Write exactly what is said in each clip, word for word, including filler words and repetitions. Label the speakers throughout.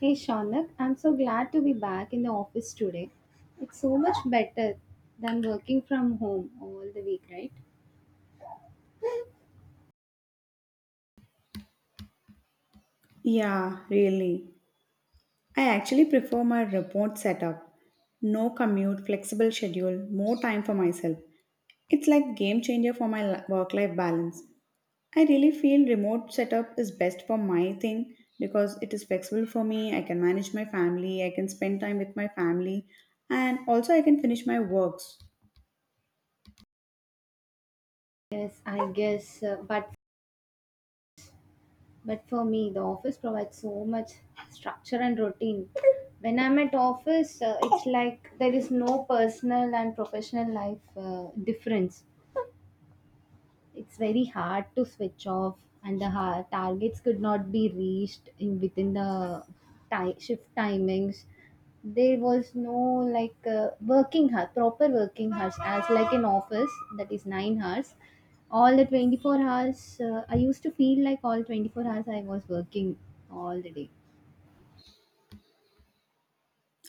Speaker 1: Hey Shaunak, I'm so glad to be back in the office today. It's so much better than working from home all the week, right?
Speaker 2: Yeah, really. I actually prefer my remote setup. No commute, flexible schedule, more time for myself. It's like game changer for my work life balance. I really feel remote setup is best for my thing because it is flexible for me. I can manage my family, I can spend time with my family, and also I can finish my works.
Speaker 1: Yes, I guess. Uh, but but for me, the office provides so much structure and routine. When I'm at office, uh, it's like there is no personal and professional life uh, difference. It's very hard to switch off, and the ha- targets could not be reached in within the ti- shift timings. There was no like uh, working hours, proper working hours as like in office, that is nine hours. All the twenty-four hours, uh, I used to feel like all twenty-four hours I was working all the day.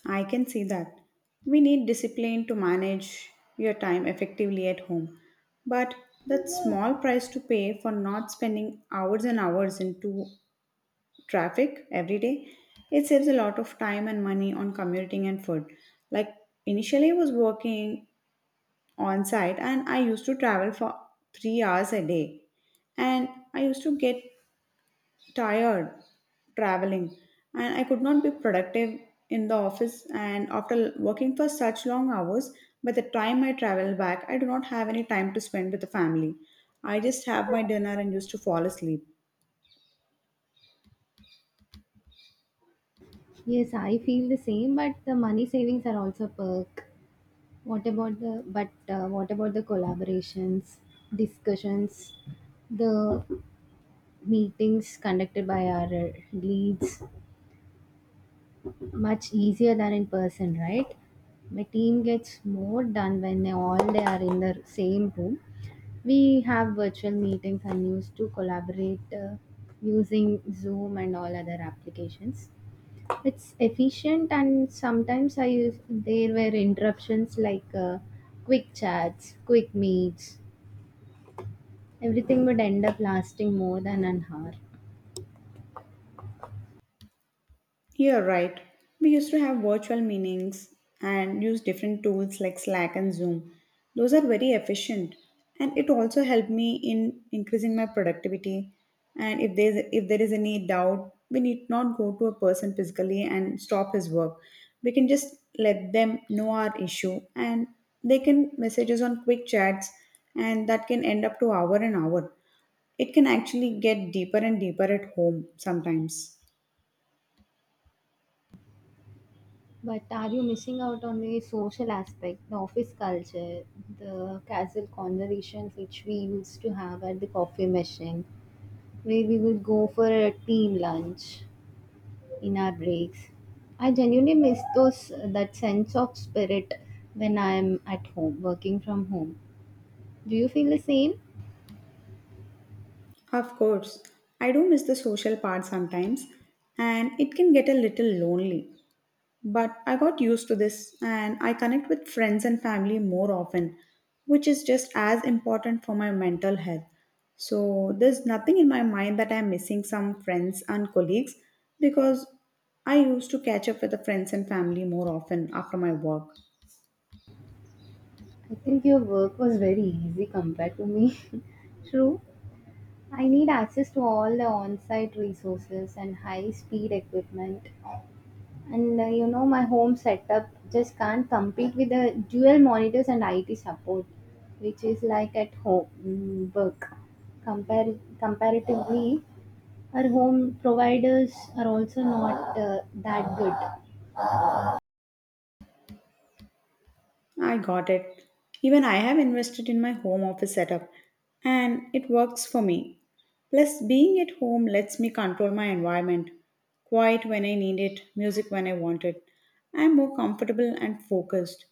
Speaker 2: I can see that. We need discipline to manage your time effectively at home. But that small price to pay for not spending hours and hours into traffic every day, it saves a lot of time and money on commuting and food. Like initially I was working on site and I used to travel for three hours a day and I used to get tired traveling and I could not be productive in the office and after working for such long hours, by the time I travel back I do not have any time to spend with the family. I just have my dinner and used to fall asleep.
Speaker 1: Yes, I feel the same, but the money savings are also a perk. What about the but uh, what about the collaborations, discussions, the meetings conducted by our uh, leads? Much easier than in person, right? My team gets more done when they all they are in the same room. We have virtual meetings and used to collaborate uh, using Zoom and all other applications. It's efficient, and sometimes I use there were interruptions like uh, quick chats, quick meets. Everything would end up lasting more than an hour.
Speaker 2: You're right. We used to have virtual meetings and use different tools like Slack and Zoom. Those are very efficient and it also helped me in increasing my productivity. And if there's if there is any doubt, we need not go to a person physically and stop his work. We can just let them know our issue and they can message us on quick chats, and that can end up to hour and hour. It can actually get deeper and deeper at home sometimes.
Speaker 1: But are you missing out on the social aspect, the office culture, the casual conversations which we used to have at the coffee machine, where we would go for a team lunch in our breaks? I genuinely miss those, that sense of spirit when I am at home, working from home. Do you feel the same?
Speaker 2: Of course, I do miss the social part sometimes, and it can get a little lonely. But I got used to this, and I connect with friends and family more often, which is just as important for my mental health. So, there's nothing in my mind that I'm missing some friends and colleagues because I used to catch up with the friends and family more often after my work.
Speaker 1: I think your work was very easy compared to me. True. I need access to all the on site resources and high speed equipment. And uh, you know, my home setup just can't compete with the dual monitors and I T support, which is like at home mm, work. Compar- comparatively, our home providers are also not uh, that good.
Speaker 2: I got it. Even I have invested in my home office setup and it works for me. Plus, being at home lets me control my environment. Quiet when I need it, music when I want it. I'm more comfortable and focused.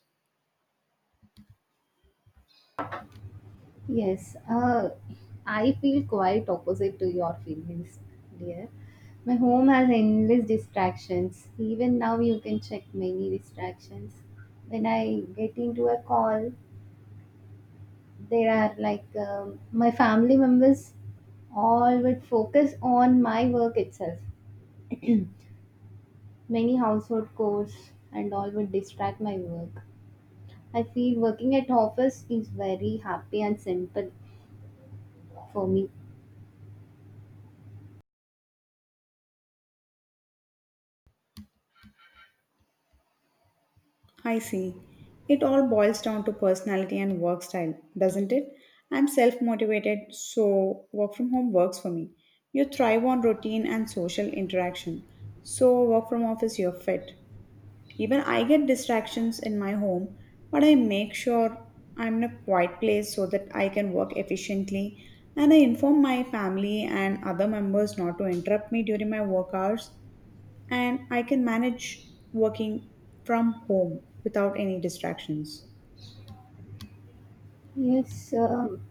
Speaker 1: Yes, uh, I feel quite opposite to your feelings, dear. My home has endless distractions. Even now, you can check many distractions. When I get into a call, there are like um, my family members all would focus on my work itself. Many household chores and all would distract my work. I feel working at office is very happy and simple for me.
Speaker 2: I see. It all boils down to personality and work style, doesn't it? I'm self motivated, so work from home works for me. You thrive on routine and social interaction, so work from office, you're fit. Even I get distractions in my home, but I make sure I'm in a quiet place so that I can work efficiently. And I inform my family and other members not to interrupt me during my work hours, and I can manage working from home without any distractions.
Speaker 1: Yes, um,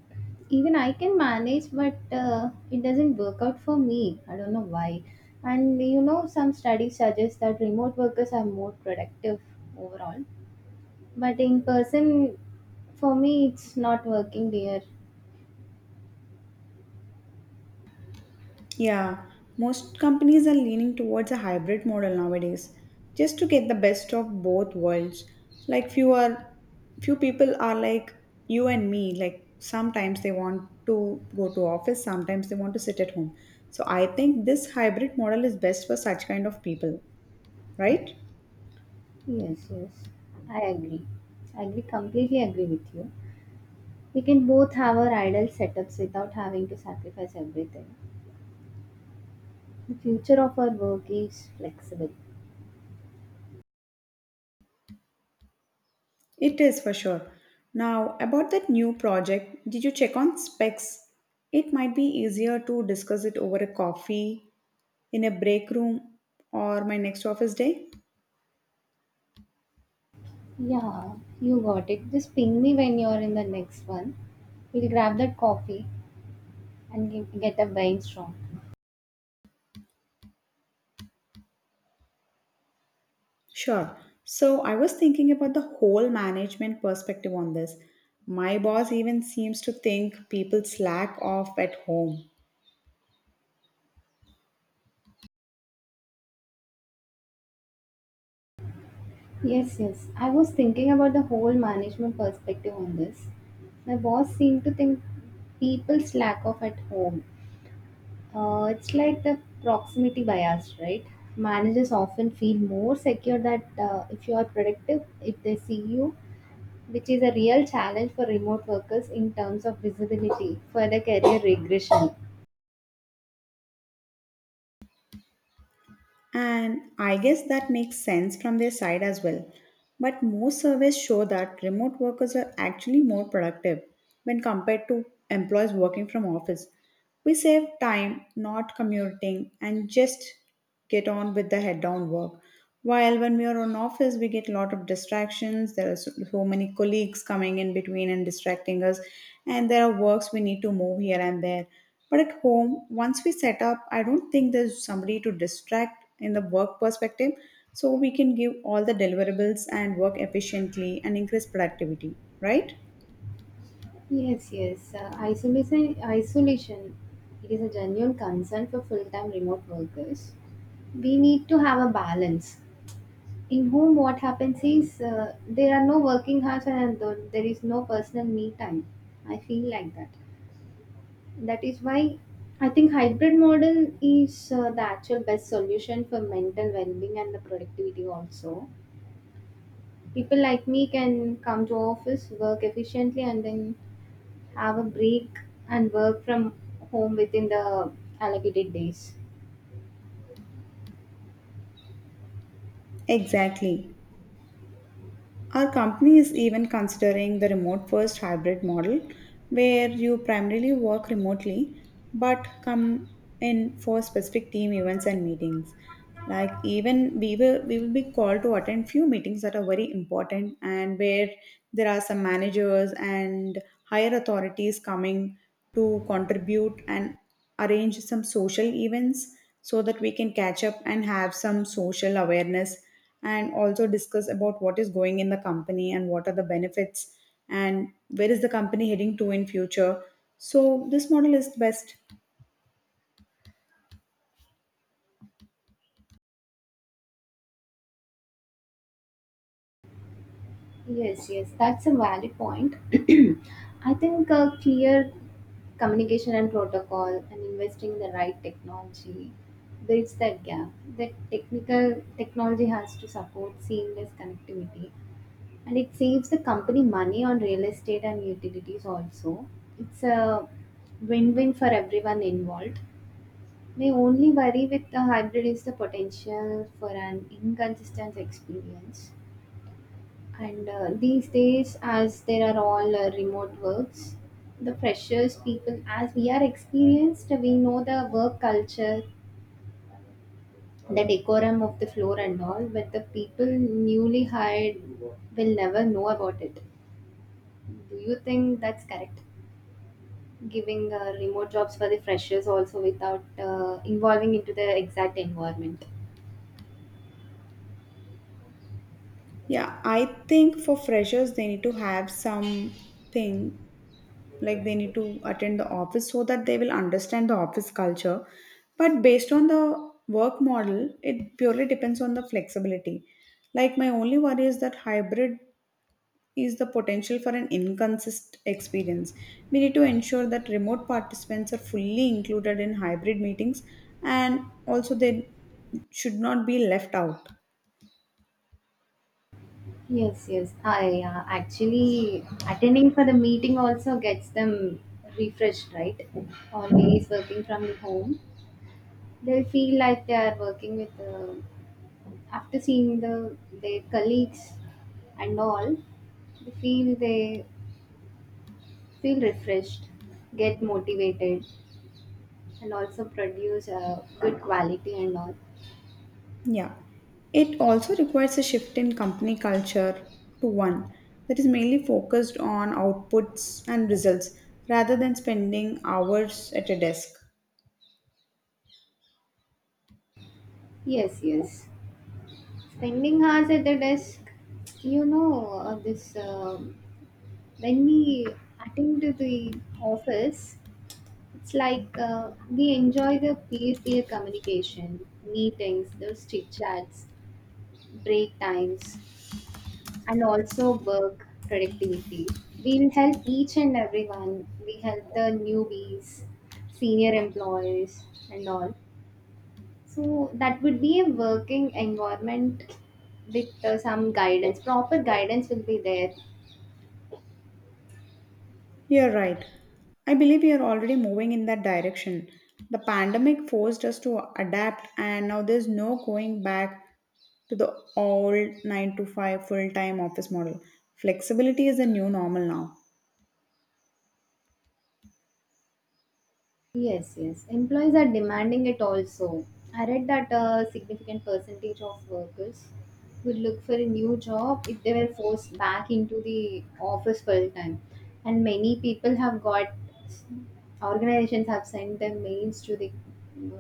Speaker 1: even I can manage, but uh, it doesn't work out for me. I don't know why. And you know, some studies suggest that remote workers are more productive overall, but in person, for me, it's not working there.
Speaker 2: Yeah, most companies are leaning towards a hybrid model nowadays, just to get the best of both worlds. Like few are, few people are like you and me. Like sometimes they want to go to office, sometimes they want to sit at home. So I think this hybrid model is best for such kind of people, right?
Speaker 1: Yes, yes, I agree. I agree, completely agree with you. We can both have our ideal setups without having to sacrifice everything. The future of our work is flexible.
Speaker 2: It is for sure. Now about that new project, did you check on specs? It might be easier to discuss it over a coffee in a break room or my next office day?
Speaker 1: Yeah, you got it. Just ping me when you're in the next one. We'll grab that coffee and ge- get a brainstorm.
Speaker 2: Sure. So I was thinking about the whole management perspective on this. My boss even seems to think people slack off at home.
Speaker 1: Yes, yes. I was thinking about the whole management perspective on this. My boss seemed to think people slack off at home. Uh, it's like the proximity bias, right? Managers often feel more secure that uh, if you are productive, if they see you, which is a real challenge for remote workers in terms of visibility for the career regression.
Speaker 2: And I guess that makes sense from their side as well. But most surveys show that remote workers are actually more productive when compared to employees working from office. We save time not commuting and just get on with the head down work. While when we are on office, we get a lot of distractions. There are so, so many colleagues coming in between and distracting us, and there are works we need to move here and there. But at home, once we set up, I don't think there's somebody to distract in the work perspective, so we can give all the deliverables and work efficiently and increase productivity, right?
Speaker 1: Yes, yes. Uh, isolation, isolation. It is a genuine concern for full-time remote workers. We need to have a balance. In whom what happens is uh, there are no working hours, and th- there is no personal me time. I feel like that. That is why I think hybrid model is uh, the actual best solution for mental well-being and the productivity also. People like me can come to office, work efficiently, and then have a break and work from home within the allocated days.
Speaker 2: Exactly. Our company is even considering the remote first hybrid model where you primarily work remotely but come in for specific team events and meetings. Like even we will we will be called to attend few meetings that are very important, and where there are some managers and higher authorities coming to contribute and arrange some social events so that we can catch up and have some social awareness and also discuss about what is going in the company and what are the benefits and where is the company heading to in future. So this model is best.
Speaker 1: Yes, yes, that's a valid point. I think uh, clear communication and protocol and investing in the right technology bridge that gap. The technical technology has to support seamless connectivity, and it saves the company money on real estate and utilities also. It's a win-win for everyone involved. My only worry with the hybrid is the potential for an inconsistent experience. And uh, these days, as there are all uh, remote works, the freshers people, as we are experienced, we know the work culture, the decorum of the floor and all, but the people newly hired will never know about it. Do you think that's correct? Giving uh, remote jobs for the freshers also without uh, involving into the exact environment.
Speaker 2: Yeah, I think for freshers they need to have something like they need to attend the office so that they will understand the office culture. But based on the work model, it purely depends on the flexibility. Like my only worry is that hybrid is the potential for an inconsistent experience. We need to ensure that remote participants are fully included in hybrid meetings, and also they should not be left out.
Speaker 1: Yes, yes. I uh, actually attending for the meeting also gets them refreshed, right? Always working from the home, they feel like they are working with uh, after seeing the their colleagues and all. They feel they feel refreshed, get motivated, and also produce a good quality and all.
Speaker 2: Yeah. It also requires a shift in company culture to one that is mainly focused on outputs and results rather than spending hours at a desk.
Speaker 1: Yes, yes. Spending hours at the desk, you know, uh, this. Um when we attend to the office, it's like uh, we enjoy the peer-peer communication, meetings, those chit chats, break times, and also work productivity. We will help each and everyone. We help the newbies, senior employees, and all. So that would be a working environment with uh, some guidance. Proper guidance will be there.
Speaker 2: You're right. I believe we are already moving in that direction. The pandemic forced us to adapt, and now there's no going back to the old nine to five full time office model. Flexibility is the new normal now.
Speaker 1: Yes, yes. Employees are demanding it also. I read that a significant percentage of workers would look for a new job if they were forced back into the office full time. And many people have got, organizations have sent their mails to the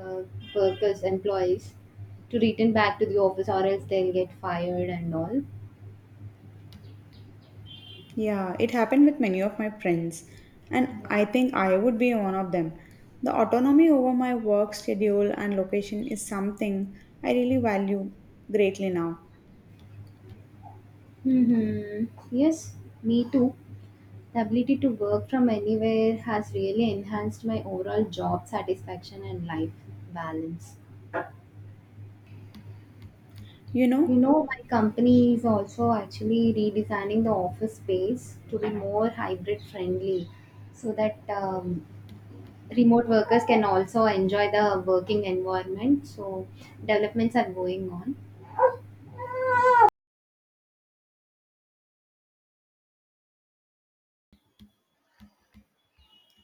Speaker 1: uh, workers, employees to return back to the office, or else they'll get fired and all.
Speaker 2: Yeah, it happened with many of my friends, and I
Speaker 1: Yeah.
Speaker 2: think I would be one of them. The autonomy over my work schedule and location is something I really value greatly now.
Speaker 1: Mm-hmm. Yes, me too. The ability to work from anywhere has really enhanced my overall job satisfaction and life balance.
Speaker 2: You
Speaker 1: You
Speaker 2: know,
Speaker 1: know, my company is also actually redesigning the office space to be more hybrid friendly so that um, remote workers can also enjoy the working environment. So, developments are going on.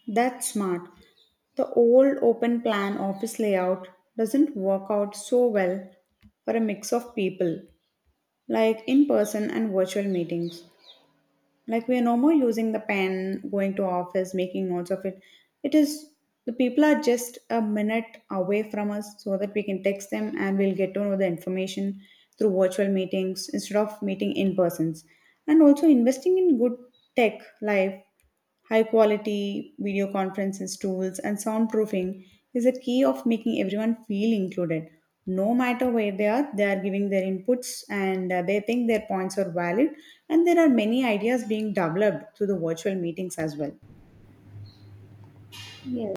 Speaker 2: That's smart. The old open plan office layout doesn't work out so well for a mix of people, like in person and virtual meetings. Like we are no more using the pen, going to office, making notes of it. It is, the people are just a minute away from us so that we can text them and we'll get to know the information through virtual meetings instead of meeting in persons. And also investing in good tech life. High quality video conferences tools and soundproofing is a key of making everyone feel included. No matter where they are, they are giving their inputs and uh, they think their points are valid. And there are many ideas being developed through the virtual meetings as well.
Speaker 1: Yes,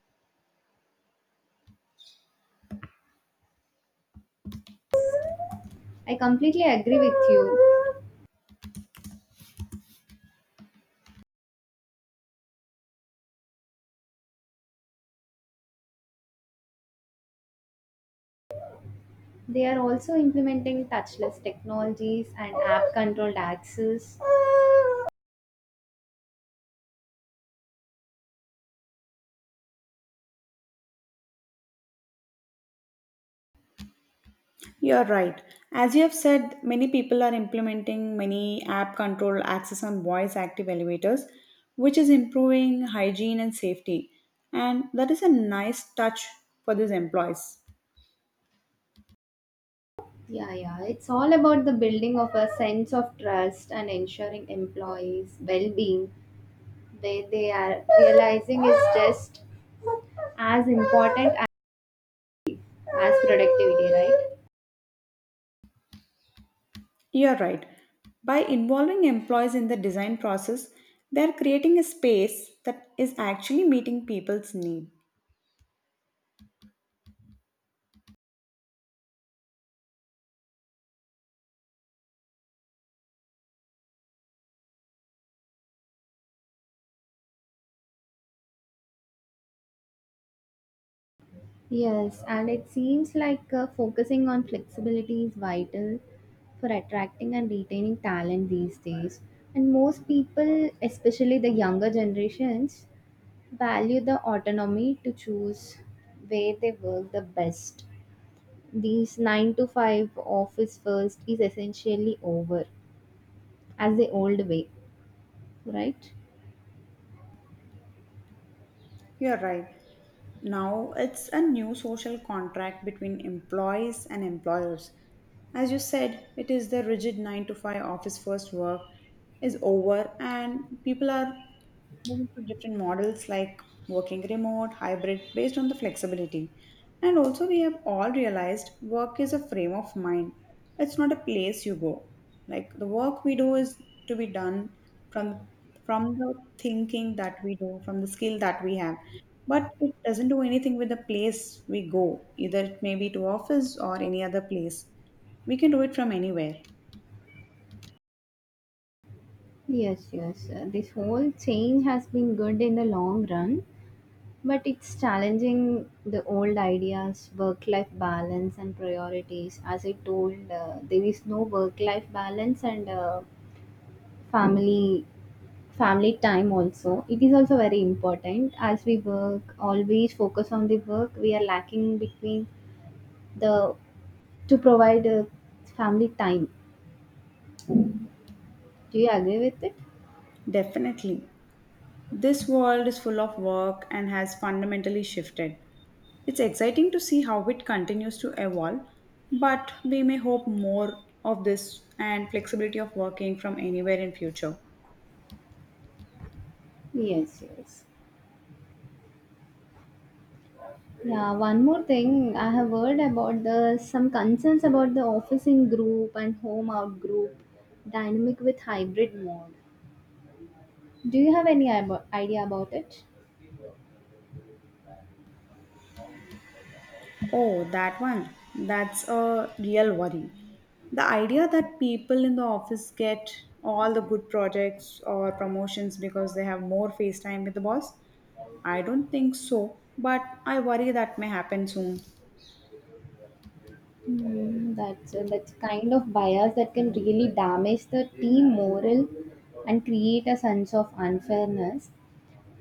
Speaker 1: I completely agree with you. They are also implementing touchless technologies and app controlled access.
Speaker 2: You're right. As you have said, many people are implementing many app control access on voice active elevators, which is improving hygiene and safety. And that is a nice touch for these employees.
Speaker 1: Yeah, yeah. It's all about the building of a sense of trust and ensuring employees' well-being, where they are realizing is just as important as, as productivity, right?
Speaker 2: You're right. By involving employees in the design process, they're creating a space that is actually meeting people's need.
Speaker 1: Yes, and it seems like uh, focusing on flexibility is vital for attracting and retaining talent these days. And most people, especially the younger generations, value the autonomy to choose where they work the best. These nine to five office first is essentially over as the old way, right?
Speaker 2: You're right. Now it's a new social contract between employees and employers. As you said, it is the rigid nine to five office first work is over and people are moving to different models like working remote, hybrid based on the flexibility. And also we have all realized work is a frame of mind. It's not a place you go. Like the work we do is to be done from from the thinking that we do, from the skill that we have. But it doesn't do anything with the place we go, either it may be to office or any other place. We can do it from anywhere.
Speaker 1: Yes, yes. uh, This whole change has been good in the long run, but it's challenging the old ideas, work life balance, and priorities. As I told, uh, there is no work life balance, and uh, family family time also, it is also very important. As we work always focus on the work, we are lacking between the, to provide a family time. Do you agree with it?
Speaker 2: Definitely. This world is full of work and has fundamentally shifted. It's exciting to see how it continues to evolve, but we may hope more of this and flexibility of working from anywhere in future.
Speaker 1: Yes, yes. Yeah, one more thing I have heard about the some concerns about the office in group and home out group dynamic with hybrid mode. Do you have any ib- idea about it?
Speaker 2: Oh, that one. That's a real worry. The idea that people in the office get all the good projects or promotions because they have more face time with the boss, I don't think so, but I worry that may happen soon.
Speaker 1: Mm, that's uh, that's kind of bias that can really damage the team morale and create a sense of unfairness.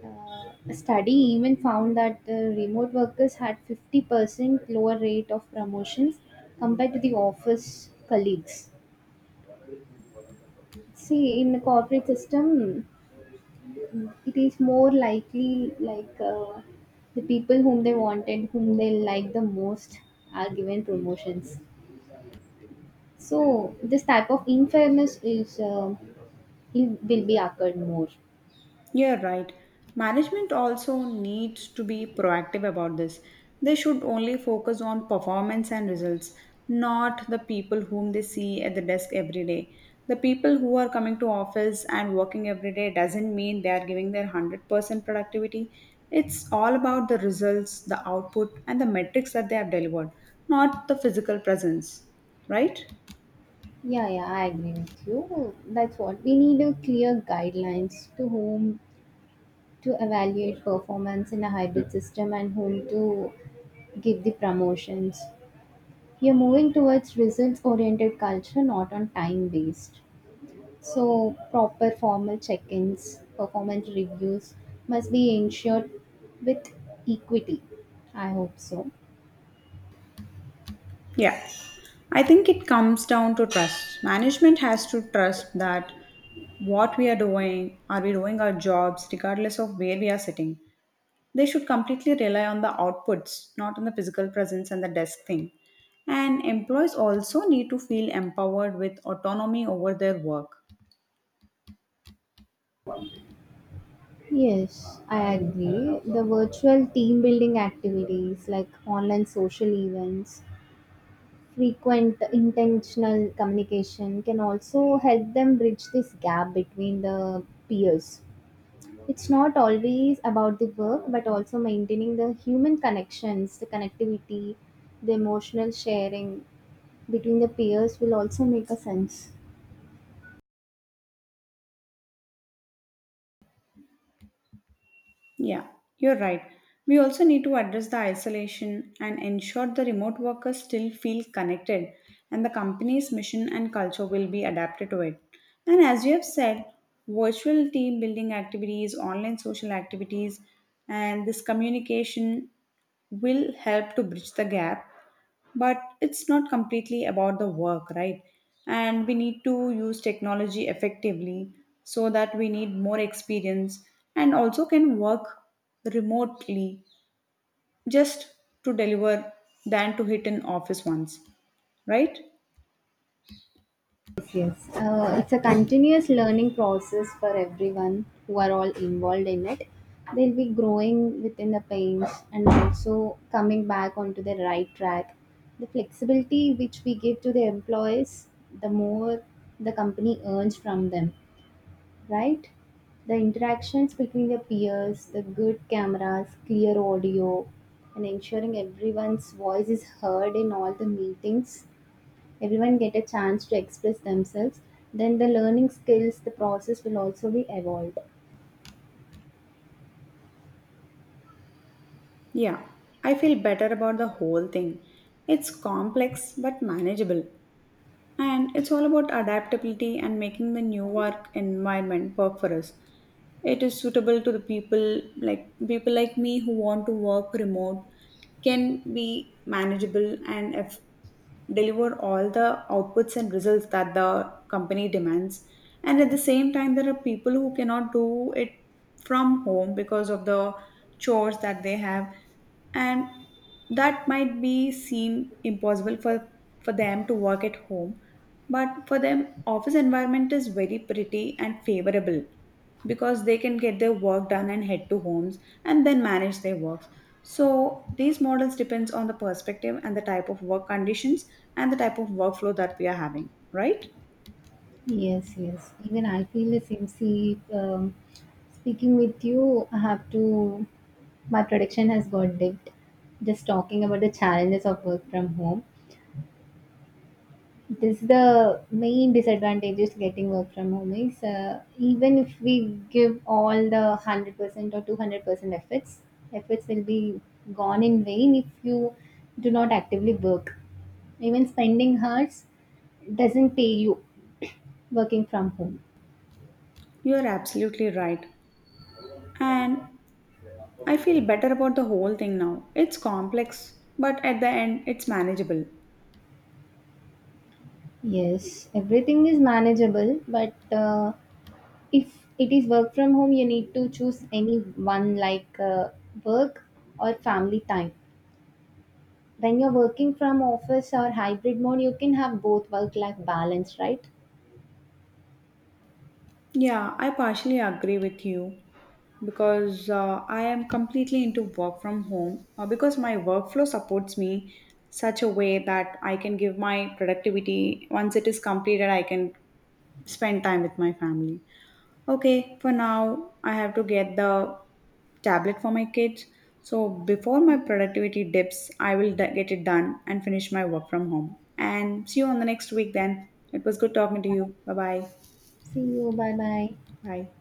Speaker 1: Uh, a study even found that the remote workers had fifty percent lower rate of promotions compared to the office colleagues. See, in the corporate system, it is more likely like uh, the people whom they wanted, whom they like the most, are given promotions. So this type of unfairness is uh, it will be occurred more.
Speaker 2: You're right. Management also needs to be proactive about this. They should only focus on performance and results, not the people whom they see at the desk every day. The people who are coming to office and working every day doesn't mean they are giving their one hundred percent productivity. It's all about the results, the output, and the metrics that they have delivered, not the physical presence, right?
Speaker 1: Yeah, yeah, I agree with you. That's what we need, a clear guidelines to whom to evaluate performance in a hybrid system and whom to give the promotions. We are moving towards results oriented culture, not on time based. So, proper formal check ins, performance reviews must be ensured with equity. I hope so.
Speaker 2: Yeah, I think it comes down to trust. Management has to trust that what we are doing, are we doing our jobs regardless of where we are sitting? They should completely rely on the outputs, not on the physical presence and the desk thing. And employees also need to feel empowered with autonomy over their work.
Speaker 1: Yes, I agree. The virtual team building activities like online social events, frequent intentional communication can also help them bridge this gap between the peers. It's not always about the work, but also maintaining the human connections, the connectivity, the emotional sharing between the peers will also make a sense.
Speaker 2: Yeah, you're right. We also need to address the isolation and ensure the remote workers still feel connected and the company's mission and culture will be adapted to it. And as you have said, virtual team building activities, online social activities, and this communication will help to bridge the gap. But it's not completely about the work, right? And we need to use technology effectively so that we need more experience and also can work remotely, just to deliver than to hit an office once, right?
Speaker 1: Yes. Yes. Uh, it's a continuous learning process for everyone who are all involved in it. They'll be growing within the pains and also coming back onto the right track. The flexibility which we give to the employees, the more the company earns from them, right? The interactions between the peers, the good cameras, clear audio, and ensuring everyone's voice is heard in all the meetings, everyone get a chance to express themselves, then the learning skills, the process will also be evolved.
Speaker 2: Yeah, I feel better about the whole thing. It's complex but manageable, and it's all about adaptability and making the new work environment work for us. It is suitable to the people like people like me who want to work remote, can be manageable and eff- deliver all the outputs and results that the company demands. And at the same time, there are people who cannot do it from home because of the chores that they have, and that might be seem impossible for for them to work at home. But for them, office environment is very pretty and favorable because they can get their work done and head to homes and then manage their works. So these models depends on the perspective and the type of work conditions and the type of workflow that we are having, right?
Speaker 1: Yes, yes, even I feel the same. See, um, speaking with you, I have to, my prediction has got dipped, just talking about the challenges of work from home. This is the main disadvantages getting work from home is uh, even if we give all the one hundred percent or two hundred percent efforts, efforts will be gone in vain if you do not actively work. Even spending hours doesn't pay you working from home.
Speaker 2: You are absolutely right, and I feel better about the whole thing now. It's complex but at the end it's manageable.
Speaker 1: Yes, everything is manageable, but uh, if it is work from home, you need to choose any one like uh, work or family time. When you're working from office or hybrid mode, you can have both work life balance, right?
Speaker 2: Yeah, I partially agree with you because uh, I am completely into work from home uh, because my workflow supports me such a way that I can give my productivity. Once it is completed, I can spend time with my family. Okay, for now, I have to get the tablet for my kids. So before my productivity dips, I will d- get it done and finish my work from home. And see you on the next week then. It was good talking to you. Bye-bye.
Speaker 1: See you, bye bye.
Speaker 2: Bye. Bye.